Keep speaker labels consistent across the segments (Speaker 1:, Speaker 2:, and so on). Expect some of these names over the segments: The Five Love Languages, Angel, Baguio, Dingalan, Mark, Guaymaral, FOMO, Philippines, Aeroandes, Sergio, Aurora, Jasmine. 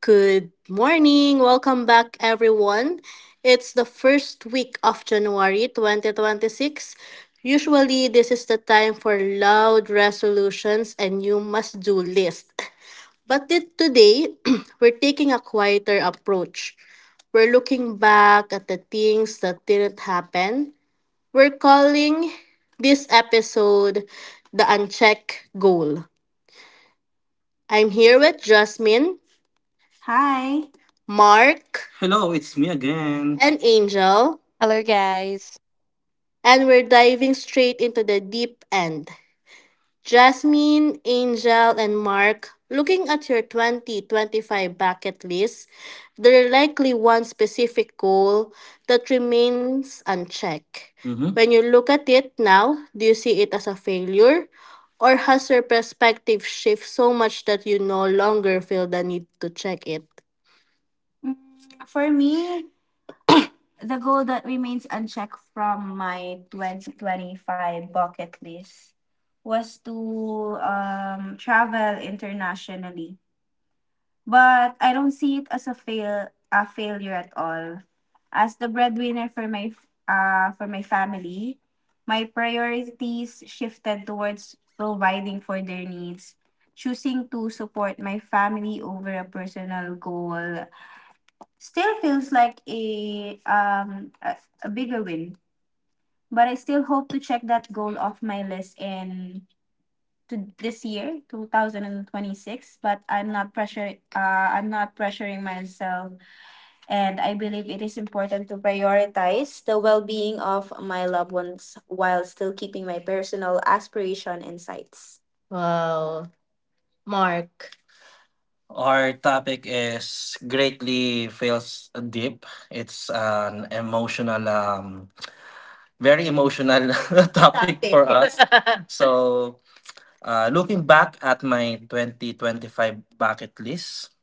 Speaker 1: Good morning. Welcome back, everyone. It's the first week of January 2026. Usually, this is the time for loud resolutions and you must do list. But today, we're taking a quieter approach. We're looking back at the things that didn't happen. We're calling this episode the Unchecked Goal. I'm here with Jasmine, Mark, Hello, it's me again. And Angel,
Speaker 2: Hello, guys.
Speaker 1: and we're diving straight into the deep end. Jasmine, Angel, and Mark, looking at your 2025 bucket list, there are likely one specific goal that remains unchecked. Mm-hmm. When you look at it now, do you see it as a failure? Or has your perspective shifted so much that you no longer feel the need to check it? For me, the goal that remains unchecked from my 2025 bucket list was to travel internationally. But I don't see it as a failure at all. As the breadwinner for my for my family, my priorities shifted towards providing for their needs. Choosing to support my family over a personal goal still feels like a bigger win, but I still hope to check that goal off my list in to this year 2026. But I'm not pressuring myself, and I believe it is important to prioritize the well-being of my loved ones while still keeping my personal aspiration and sights. Wow, Mark. Our topic is greatly feels deep. It's an emotional, very emotional topic for Topic. Us. So, looking back at my 2025 bucket list,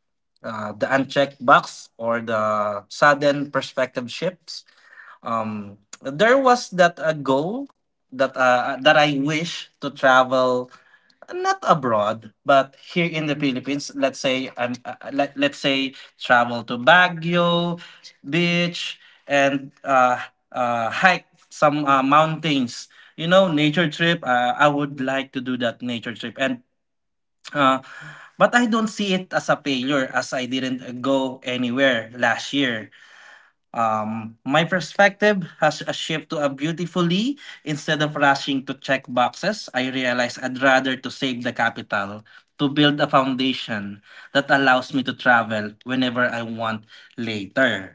Speaker 1: the unchecked box or the sudden perspective shifts, there was that a goal that that I wish to travel not abroad, but here in the Philippines. Let's say let's say travel to Baguio beach and hike some mountains. You know, nature trip. I would like to do that nature trip, and uh, but I don't see it as a failure as I didn't go anywhere last year. My perspective has a shift to a beautifully. Instead of rushing to check boxes, I realize I'd rather to save the capital to build a foundation that allows me to travel whenever I want later.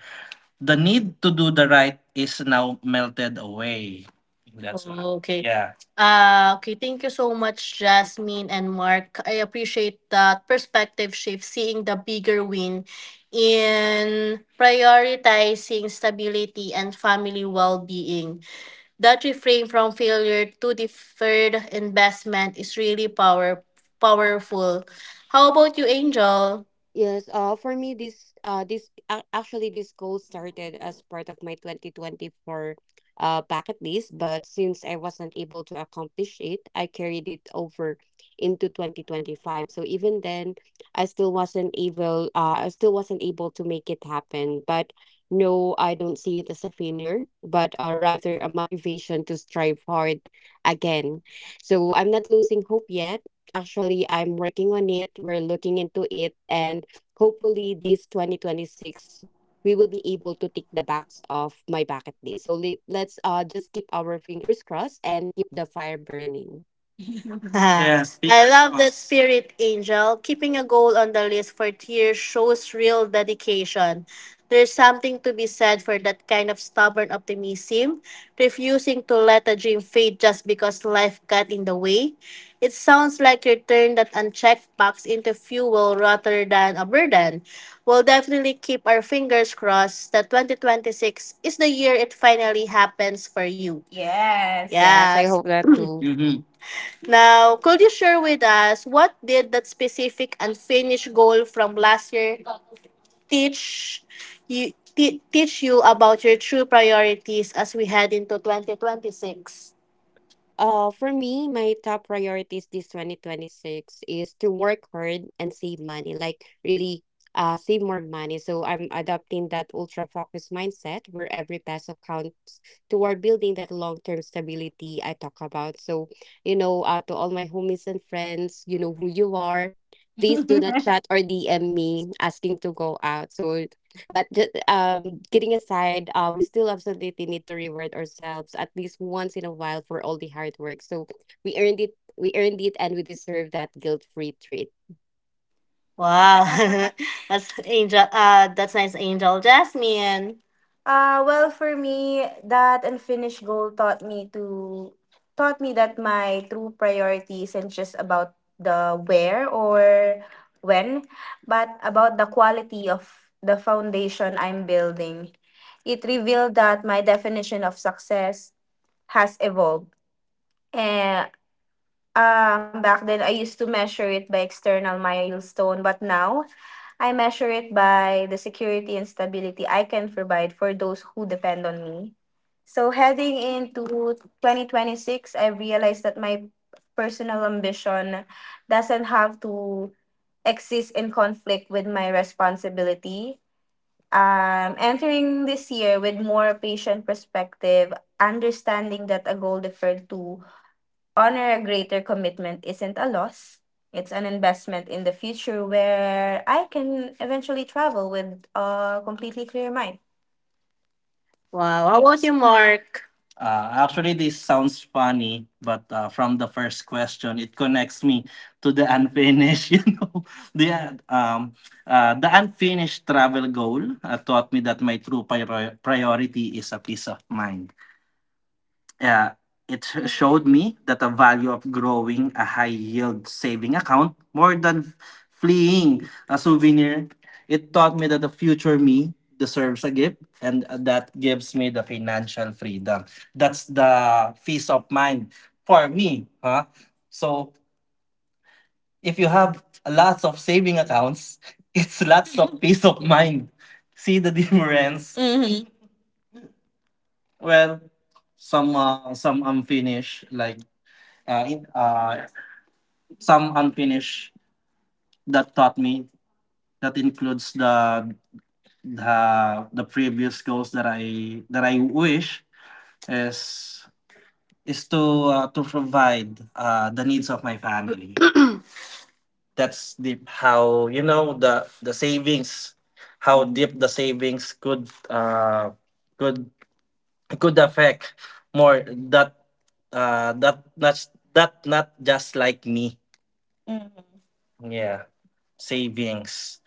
Speaker 1: The need to do the right is now melted away. That's what. Okay. Yeah. Okay, thank you so much, Jasmine and Mark. I appreciate that perspective shift, seeing the bigger win in prioritizing stability and family well being. That reframe from failure to deferred investment is really powerful. How about you, Angel?
Speaker 2: Yes, for me, this this ac actually this goal started as part of my 2024 bucket list, but since I wasn't able to accomplish it, I carried it over into 2025. So even then, I still wasn't able to make it happen. But no, I don't see it as a failure, but rather a motivation to strive hard again. So I'm not losing hope yet. Actually, I'm working on it, we're looking into it, and hopefully this 2026 we will be able to tick the box of my bucket list. So let's just keep our fingers crossed and keep the fire burning.
Speaker 1: Yes, I love that fast. Spirit, Angel. Keeping a goal on the list for tier shows real dedication. There's something to be said for that kind of stubborn optimism, refusing to let a dream fade just because life got in the way. It sounds like you turn that unchecked box into fuel rather than a burden. We'll definitely keep our fingers crossed that 2026 is the year it finally happens for you. Yes.
Speaker 2: Yes, I
Speaker 1: Yes.
Speaker 2: hope that too.
Speaker 1: Mm-hmm. Now, could you share with us what did that specific unfinished goal from last year teach you about your true priorities as we head into 2026?
Speaker 2: For me, my top priorities this 2026 is to work hard and save money, like really save more money. So I'm adopting that ultra focused mindset where every peso counts toward building that long-term stability I talk about. So, to all my homies and friends, you know who you are. Please do not chat or DM me asking to go out. So but just getting aside, we still absolutely need to reward ourselves at least once in a while for all the hard work. So we earned it. We earned it, and we deserve that guilt-free treat.
Speaker 1: Wow, that's Angel. That's nice, Angel. Jasmine. Well, for me, that unfinished goal taught me that my true priority isn't just about the where or when, but about the quality of the foundation I'm building. It revealed that my definition of success has evolved. Back then I used to measure it by external milestone, but now I measure it by the security and stability I can provide for those who depend on me. So heading into 2026, I realized that my personal ambition doesn't have to exist in conflict with my responsibility. Entering this year with more patient perspective, understanding that a goal deferred to honor a greater commitment isn't a loss. It's an investment in the future where I can eventually travel with a completely clear mind. Wow. How about you, Mark? Actually, this sounds funny, but from the first question, it connects me to the unfinished. You know, the uh, um, the unfinished travel goal taught me that my true priority is a peace of mind. Uh, it showed me that the value of growing a high yield saving account more than fleeing a souvenir. It taught me that the future me deserves a gift and that gives me the financial freedom. That's the peace of mind for me. Huh? So if you have lots of saving accounts, it's lots of peace of mind. See the difference? Mm. Well, some unfinished like uh, in, uh, some unfinished that taught me that includes the the previous goals that I wish is is to provide the needs of my family. That's deep how the savings, how deep the savings could could could affect more, that not that not just like me, yeah, savings.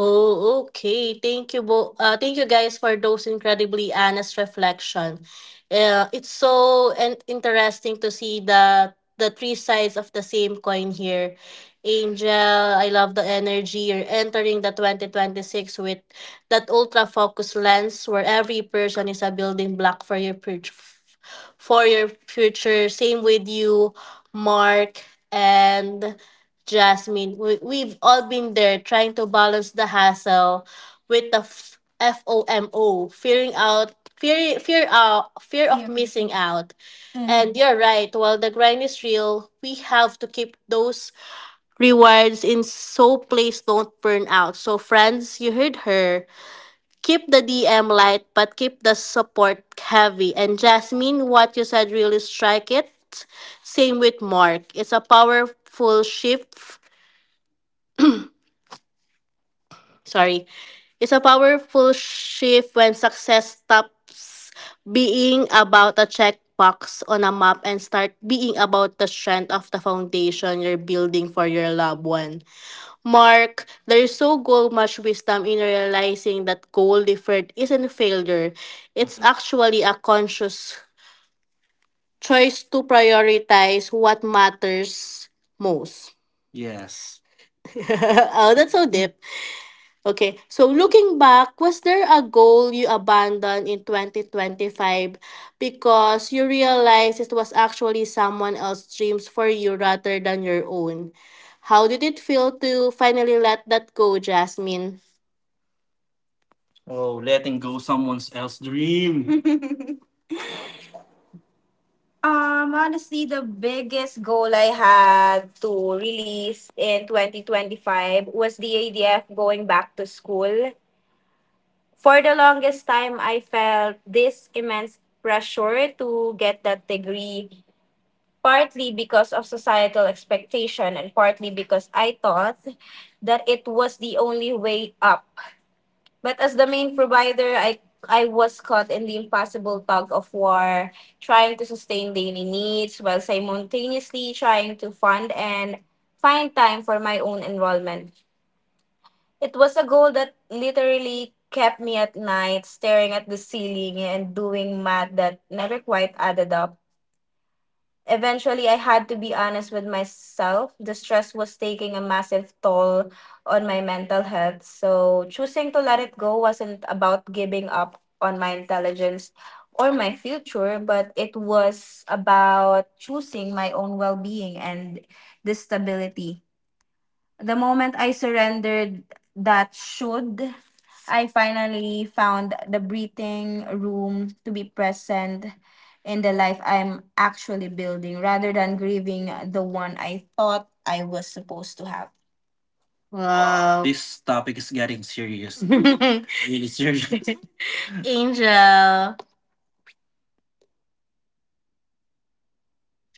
Speaker 1: Oh, okay. Thank you, guys, for those incredibly honest reflection. It's so and interesting to see the three sides of the same coin here. Angel, I love the energy. You're entering the 2026 with that ultra focus lens where every person is a building block for your future. Same with you, Mark and Jasmine. We've all been there trying to balance the hassle with the FOMO, fearing out fear of yeah, missing out. And you're right, while the grind is real, we have to keep those rewards in, so please don't burn out. So friends, you heard her. Keep the DM light but keep the support heavy. And Jasmine, what you said really strike it. Same with Mark. It's a powerful shift, sorry, is a powerful shift when success stops being about a checkbox on a map and start being about the strength of the foundation you're building for your loved one. Mark, there's so go much wisdom in realizing that goal deferred isn't failure. It's actually a conscious choice to prioritize what matters most. Yes. Oh, that's so deep. Okay. So looking back, was there a goal you abandoned in 2025 because you realized it was actually someone else's dreams for you rather than your own? How did it feel to finally let that go, Jasmine? Oh, letting go someone else's dream. Honestly, the biggest goal I had to release in 2025 was the idea of going back to school. For the longest time, I felt this immense pressure to get that degree, partly because of societal expectation and partly because I thought that it was the only way up. But as the main provider, I was caught in the impossible tug of war, trying to sustain daily needs while simultaneously trying to fund and find time for my own enrollment. It was a goal that literally kept me at night, staring at the ceiling and doing math that never quite added up. Eventually, I had to be honest with myself. The stress was taking a massive toll on my mental health. So, choosing to let it go wasn't about giving up on my intelligence or my future, but it was about choosing my own well being and the stability. The moment I surrendered that should, I finally found the breathing room to be present in the life I'm actually building rather than grieving the one I thought I was supposed to have. Wow. Wow. This topic is getting serious. Really serious. Angel.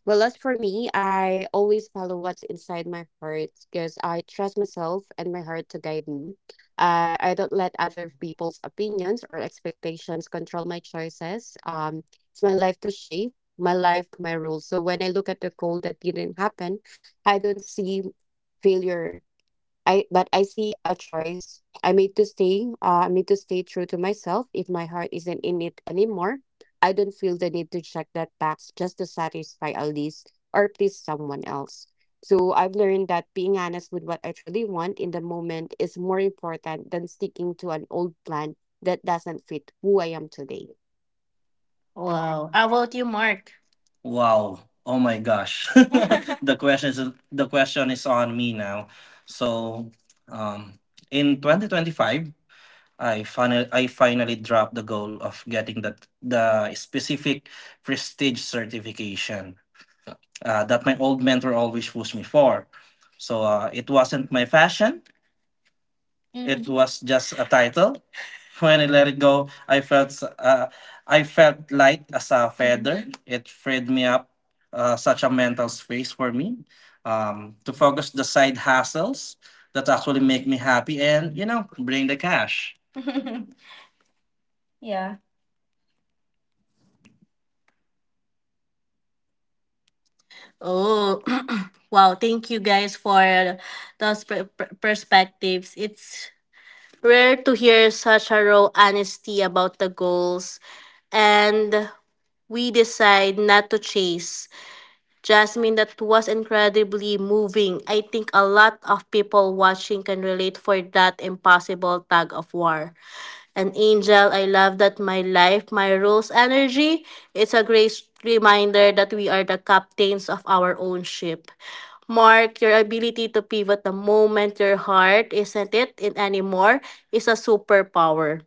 Speaker 2: Well, as for me, I always follow what's inside my heart because I trust myself and my heart to guide me. I don't let other people's opinions or expectations control my choices. It's my life to shape, my life, my rules. So when I look at the goal that didn't happen, I don't see failure I but I see a choice. I made to stay. I made to stay true to myself. If my heart isn't in it anymore, I don't feel the need to check that box just to satisfy a lease or please someone else. So I've learned that being honest with what I truly want in the moment is more important than sticking to an old plan that doesn't fit who I am today.
Speaker 1: Wow. How about you, Mark? Wow. Oh my gosh. the question is the question is on me now. So, um in 2025, I finally dropped the goal of getting that the specific prestige certification that my old mentor always pushed me for. So, it wasn't my fashion. It was just a title. When I let it go, I felt light as a feather. It freed me up, such a mental space for me, to focus the side hustles that actually make me happy and bring the cash. Yeah. Oh, wow. Thank you guys for those perspectives. It's rare to hear such a raw honesty about the goals, and we decide not to chase. Jasmine, that was incredibly moving. I think a lot of people watching can relate for that impossible tug of war. And Angel, I love that my life, my rules, energy. It's a great reminder that we are the captains of our own ship. Mark, your ability to pivot the moment your heart isn't it in anymore is a superpower.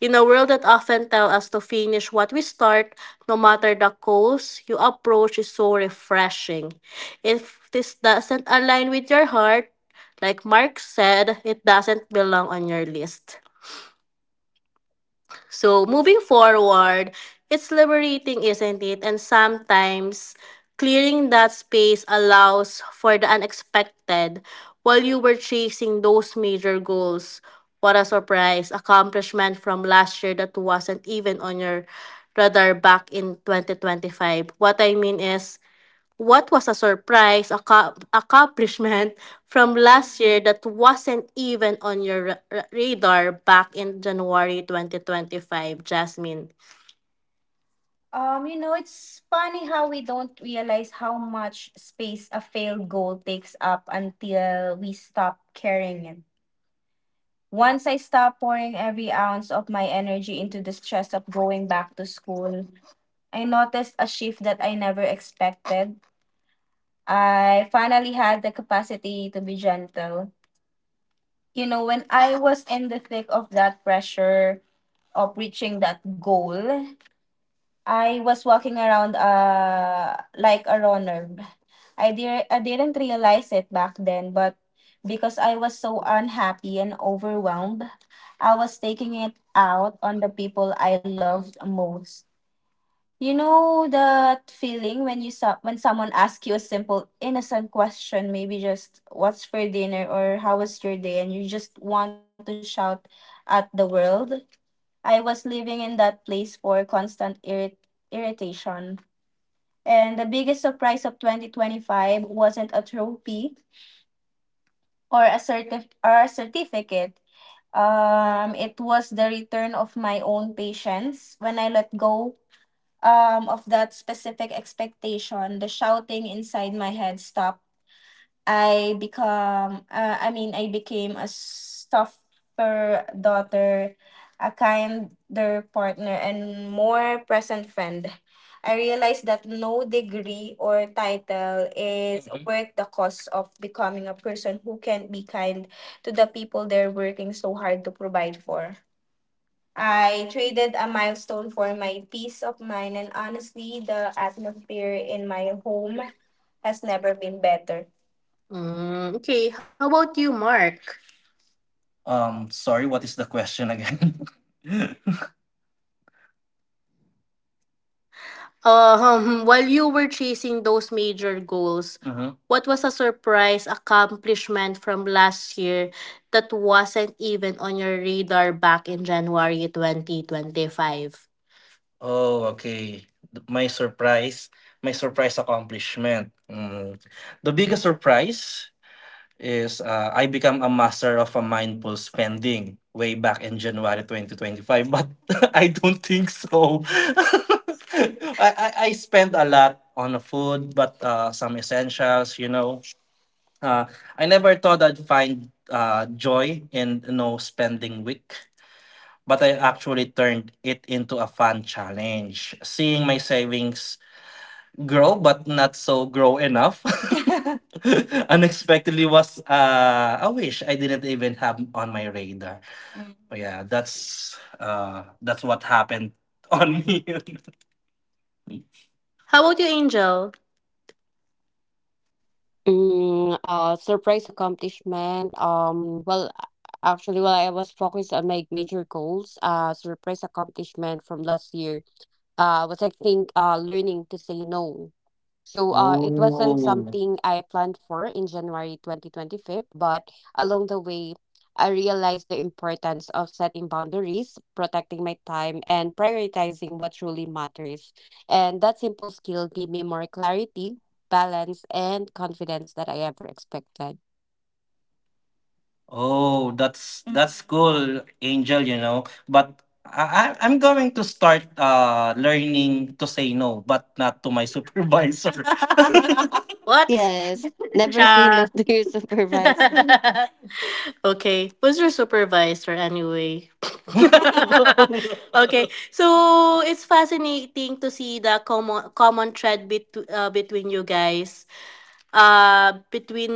Speaker 1: In a world that often tell us to finish what we start, no matter the cost, your approach is so refreshing. If this doesn't align with your heart, like Mark said, it doesn't belong on your list. So moving forward, it's liberating, isn't it? And sometimes clearing that space allows for the unexpected. While you were chasing those major goals, what a surprise accomplishment from last year that wasn't even on your radar back in 2025. What I mean is, what was a surprise accomplishment from last year that wasn't even on your radar back in January 2025, Jasmine? It's funny how we don't realize how much space a failed goal takes up until we stop carrying it. Once I stopped pouring every ounce of my energy into the stress of going back to school, I noticed a shift that I never expected. I finally had the capacity to be gentle. You know, when I was in the thick of that pressure of reaching that goal, I was walking around like a runner. I didn't realize it back then, but because I was so unhappy and overwhelmed, I was taking it out on the people I loved most. You know that feeling when when someone asks you a simple innocent question, maybe just what's for dinner or how was your day, and you just want to shout at the world. I was living in that place for constant irritation. And the biggest surprise of 2025 wasn't a trophy or a certificate. It was the return of my own patience. When I let go of that specific expectation, the shouting inside my head stopped. I mean, I became a softer daughter, a kinder partner, and more present friend. I realized that no degree or title is, mhm, worth the cost of becoming a person who can be kind to the people they're working so hard to provide for. I traded a milestone for my peace of mind, and honestly, the atmosphere in my home has never been better. Mm, okay, how about you, Mark? Sorry, what is the question again? While you were chasing those major goals, what was a surprise accomplishment from last year that wasn't even on your radar back in January 2025? Oh, okay. Th- My surprise, my surprise accomplishment. Mm. The biggest surprise is, I become a master of a mindful spending way back in January 2025, but I don't think so. I spend a lot on food, but some essentials. Uh, I never thought I'd find joy in spending week, but I actually turned it into a fun challenge. Seeing my savings grow but not so grow enough unexpectedly was, a wish I didn't even have on my radar. But yeah, that's what happened on me. How about you, Angel?
Speaker 2: Surprise accomplishment. Well, actually, while I was focused on my major goals, surprise accomplishment from last year was I think learning to say no. So it wasn't
Speaker 1: oh.
Speaker 2: something I planned for in January 2025, but along the way, I realized the importance of setting boundaries, protecting my time, and prioritizing what truly matters. And that simple skill gave me more clarity, balance, and confidence that I ever expected.
Speaker 1: Oh, that's cool, Angel. But I'm going to start learning to say no, but not to my supervisor. What?
Speaker 2: Yes, never say
Speaker 1: Cha.
Speaker 2: no to your supervisor.
Speaker 1: Okay. Who's your supervisor anyway? Okay. So it's fascinating to see the common thread, between you guys, between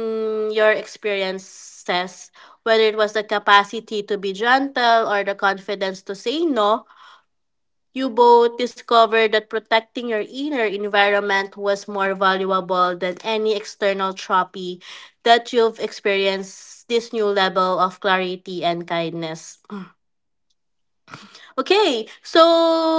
Speaker 1: your experiences, whether it was the capacity to be gentle or the confidence to say no. You both discovered that protecting your inner environment was more valuable than any external trophy, that you've experienced this new level of clarity and kindness. Okay, so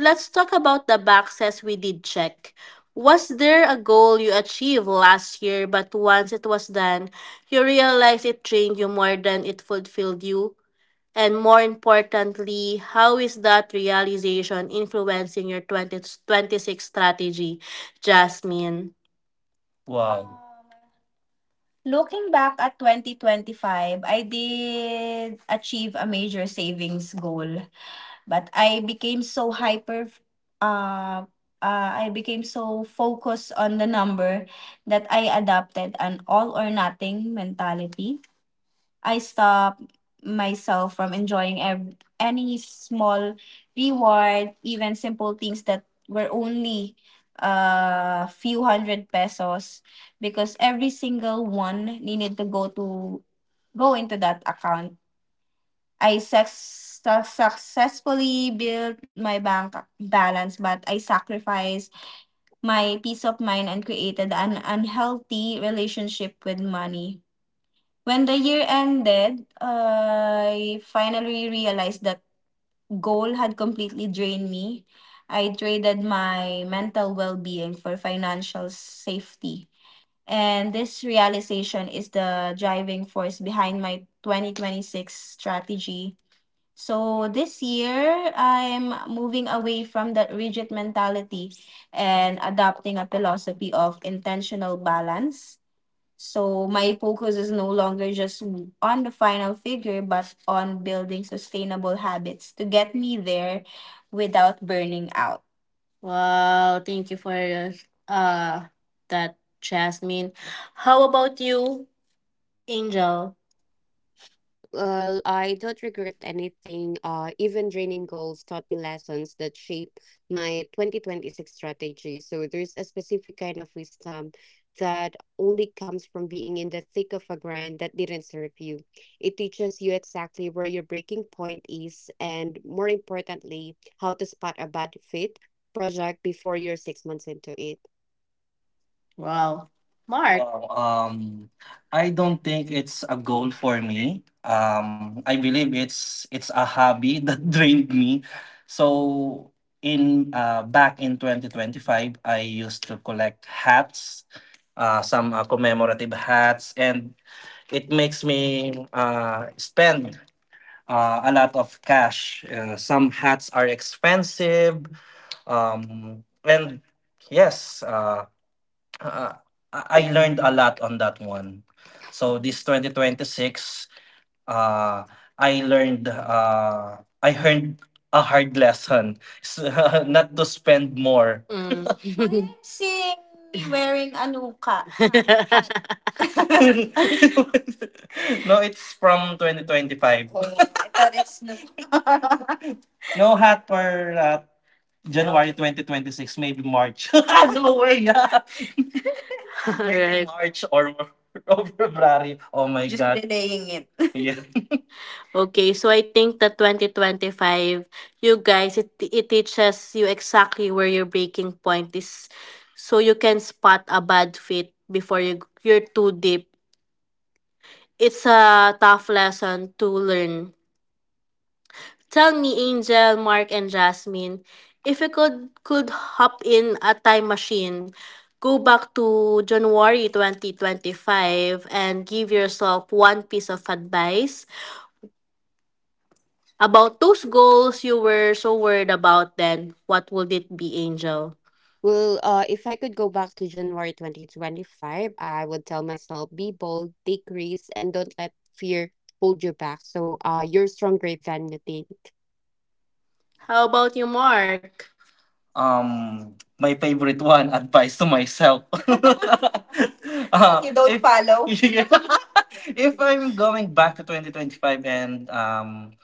Speaker 1: let's talk about the boxes we did check. Was there a goal you achieved last year, but once it was done, you realized it drained you more than it fulfilled you? And more importantly, how is that realization influencing your 2026 strategy, Jasmine? Wow. Looking back at 2025, I did achieve a major savings goal, but uh, I became so focused on the number that I adopted an all or nothing mentality. I stop myself from enjoying any small reward, even simple things that were only a few hundred pesos, because every single one needed to go into that account. I successfully built my bank balance, but I sacrificed my peace of mind and created an unhealthy relationship with money. When the year ended, I finally realized that goal had completely drained me. I traded my mental well being for financial safety. And this realization is the driving force behind my 2026 strategy. So this year, I'm moving away from that rigid mentality and adopting a philosophy of intentional balance. So my focus is no longer just on the final figure, but on building sustainable habits to get me there without burning out. Wow, thank you for uh that, Jasmine. How about you, Angel?
Speaker 2: Well, I don't regret anything. Even draining goals taught me lessons that shape my 2026 strategy. So there's a specific kind of wisdom that only comes from being in the thick of a grind that didn't serve you. It teaches you exactly where your breaking point is, and more importantly, how to spot a bad fit project before you're 6 months into it.
Speaker 1: Wow. Mark. Well, I don't think it's a goal for me. I believe it's a hobby that drained me. So in back in 2025, I used to collect hats, some commemorative hats, and it makes me spend a lot of cash. Some hats are expensive, and yes, Uh, I learned a lot on that one. So this 2026, uh, I learned a hard lesson, not to spend more. Mm. Amazing! Wearing anuka. No, it's from 2025. Oh, I thought it's new. No hat for January 2026, maybe March. No way. Yeah. Alright. March or, or February. Oh my just God, delaying it. Yeah. Okay, so I think that 2025, you guys, it teaches you exactly where your breaking point is. So you can spot a bad fit before you're too deep. It's a tough lesson to learn. Tell me, Angel, Mark, and Jasmine, if you could hop in a time machine, go back to January 2025 and give yourself one piece of advice about those goals you were so worried about then, what would it be, Angel?
Speaker 2: Well, if I could go back to January 2025, I would tell myself, be bold, take risks, and don't let fear hold you back. So you're stronger than you think.
Speaker 1: How about you, Mark? My favorite one, advice to myself. You don't if follow? If I'm going back to 2025 and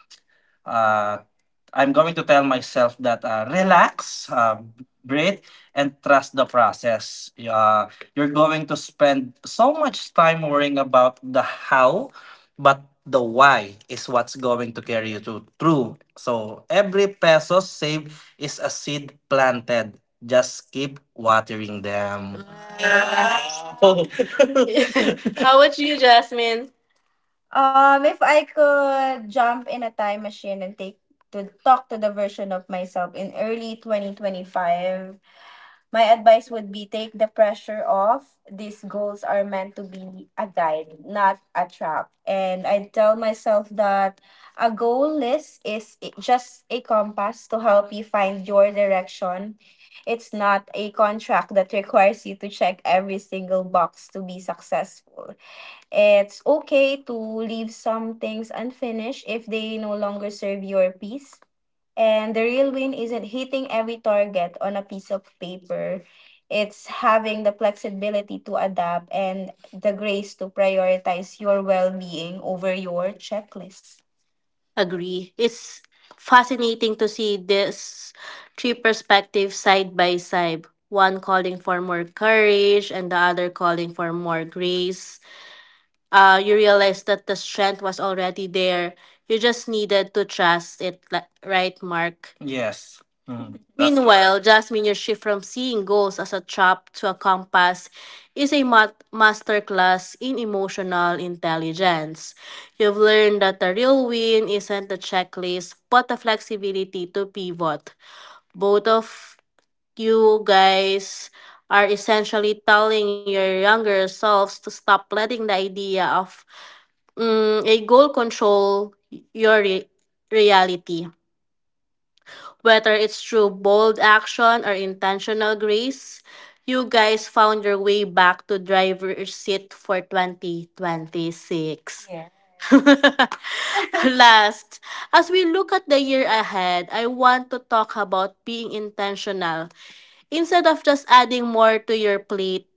Speaker 1: uh, I'm going to tell myself that, relax, breathe, and trust the process. You're going to spend so much time worrying about the how, but the why is what's going to carry you to through. So every peso saved is a seed planted. Just keep watering them. Wow. How about you, Jasmine? If I could jump in a time machine and take to talk to the version of myself in early 2025, my advice would be take the pressure off. These goals are meant to be a guide, not a trap. And I tell myself that a goal list is just a compass to help you find your direction. It's not a contract that requires you to check every single box to be successful. It's okay to leave some things unfinished if they no longer serve your piece. And the real win isn't hitting every target on a piece of paper. It's having the flexibility to adapt and the grace to prioritize your well being over your checklist. Agree. It's fascinating to see this three perspectives side by side, one calling for more courage and the other calling for more grace. You realized that the strength was already there. You just needed to trust it, right, Mark? Yes. Mm, that's correct. Meanwhile, Jasmine, your shift from seeing goals as a trap to a compass is a masterclass in emotional intelligence. You've learned that the real win isn't the checklist, but the flexibility to pivot. Both of you guys are essentially telling your younger selves to stop letting the idea of, a goal control your reality. Whether it's through bold action or intentional grace, you guys found your way back to driver's seat for 2026. Yeah. Last, as we look at the year ahead, I want to talk about being intentional. Instead of just adding more to your plate,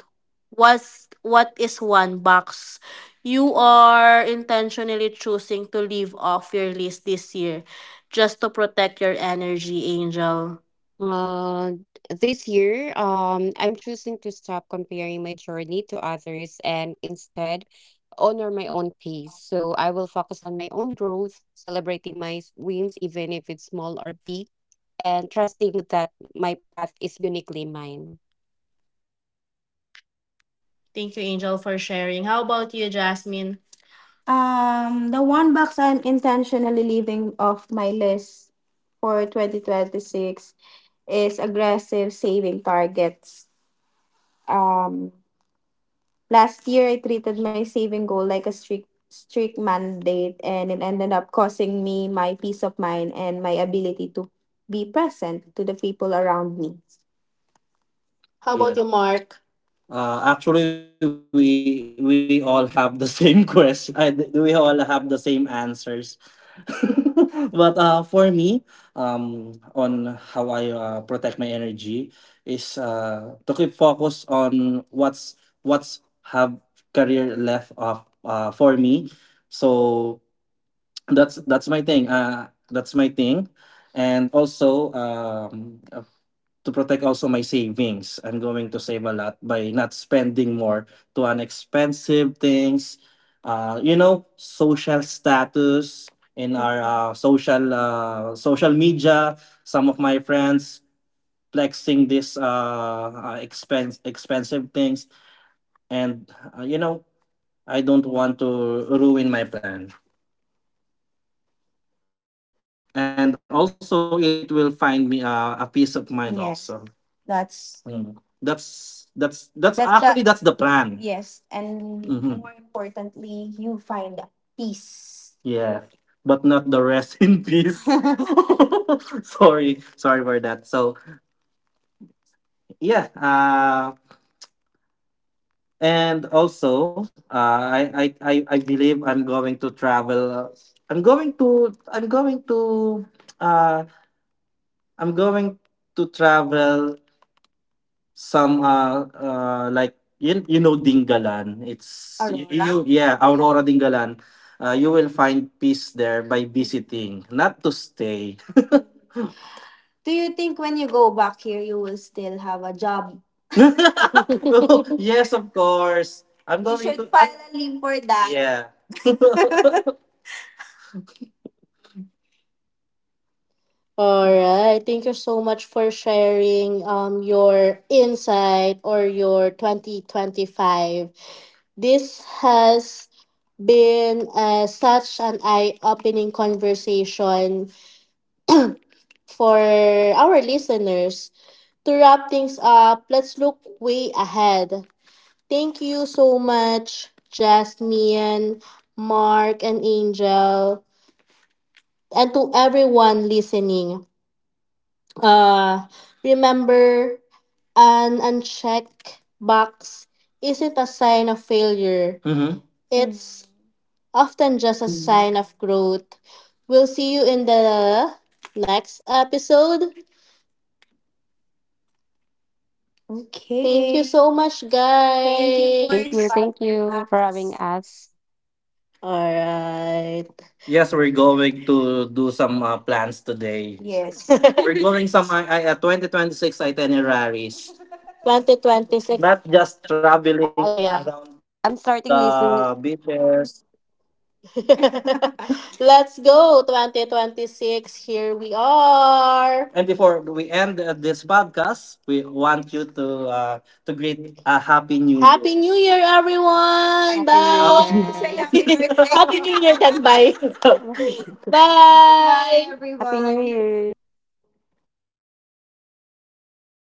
Speaker 1: what is one box you are intentionally choosing to leave off your list this year just to protect your energy, Angel?
Speaker 2: Uh, this year, I'm choosing to stop comparing my journey to others and instead honor my own pace. So I will focus on my own growth, celebrating my wins, even if it's small or big, and trusting that my path is uniquely mine.
Speaker 1: Thank you, Angel, for sharing. How about you, Jasmine? The one box I'm intentionally leaving off my list for 2026 is aggressive saving targets. Um, Last year, I treated my saving goal like a strict mandate, and it ended up costing me my peace of mind and my ability to be present to the people around me. How about, yeah, you, Mark? Actually, we all have the same question. We all have the same answers. But for me, um, on how I protect my energy is, to keep focus on what's have career left of, for me. So that's my thing. That's my thing, and also, to protect also my savings. I'm going to save a lot by not spending more to on expensive things. Social status in our social media. Some of my friends flexing this expense expensive things, and uh, you know, I don't want to ruin my plan. And also it will find me, a peace of mind. Yes. Also, that's. Mm. That's the, actually, that's the plan, yes, and more importantly, you find peace. Yeah, but not the rest in peace. Sorry for that. So yeah, and also, I believe i'm going to i'm going to uh I'm going to travel some, like Dingalan. It's you, Aurora? You Yeah, Aurora Dingalan. You will find peace there by visiting, not to stay. Do you think when you go back here, you will still have a job? No, yes, of course. I'm you going should to file I'm, a leave for that. Yeah. All right. Thank you so much for sharing your insight or your 2025. This has been such an eye opening conversation for our listeners. To wrap things up, let's look way ahead. Thank you so much, Jasmine, Mark, and Angel, and to everyone listening. Uh, Remember, an unchecked box isn't a sign of failure. It's often just a
Speaker 2: Mhm.
Speaker 1: sign of growth. We'll see you in the next episode. Okay. Thank you so much, guys. Thank you for
Speaker 2: Thank you. Thank
Speaker 1: inviting
Speaker 2: you for having
Speaker 1: us.
Speaker 2: us.
Speaker 1: All right. Yes, we're going to do some plans today. Yes. We're going some 2026 itineraries. 2026. Not just traveling, oh, yeah, around the
Speaker 2: I'm starting listening.
Speaker 1: beaches. Let's go 2026. Here we are. And before we end this podcast, we want you to greet a Happy New Year. Happy New Year, everyone.
Speaker 2: Happy New
Speaker 1: Bye. Say
Speaker 2: Year.
Speaker 1: Happy birthday. Happy New Year, then bye. Bye. Bye,
Speaker 2: Happy New
Speaker 1: everyone.
Speaker 2: Year.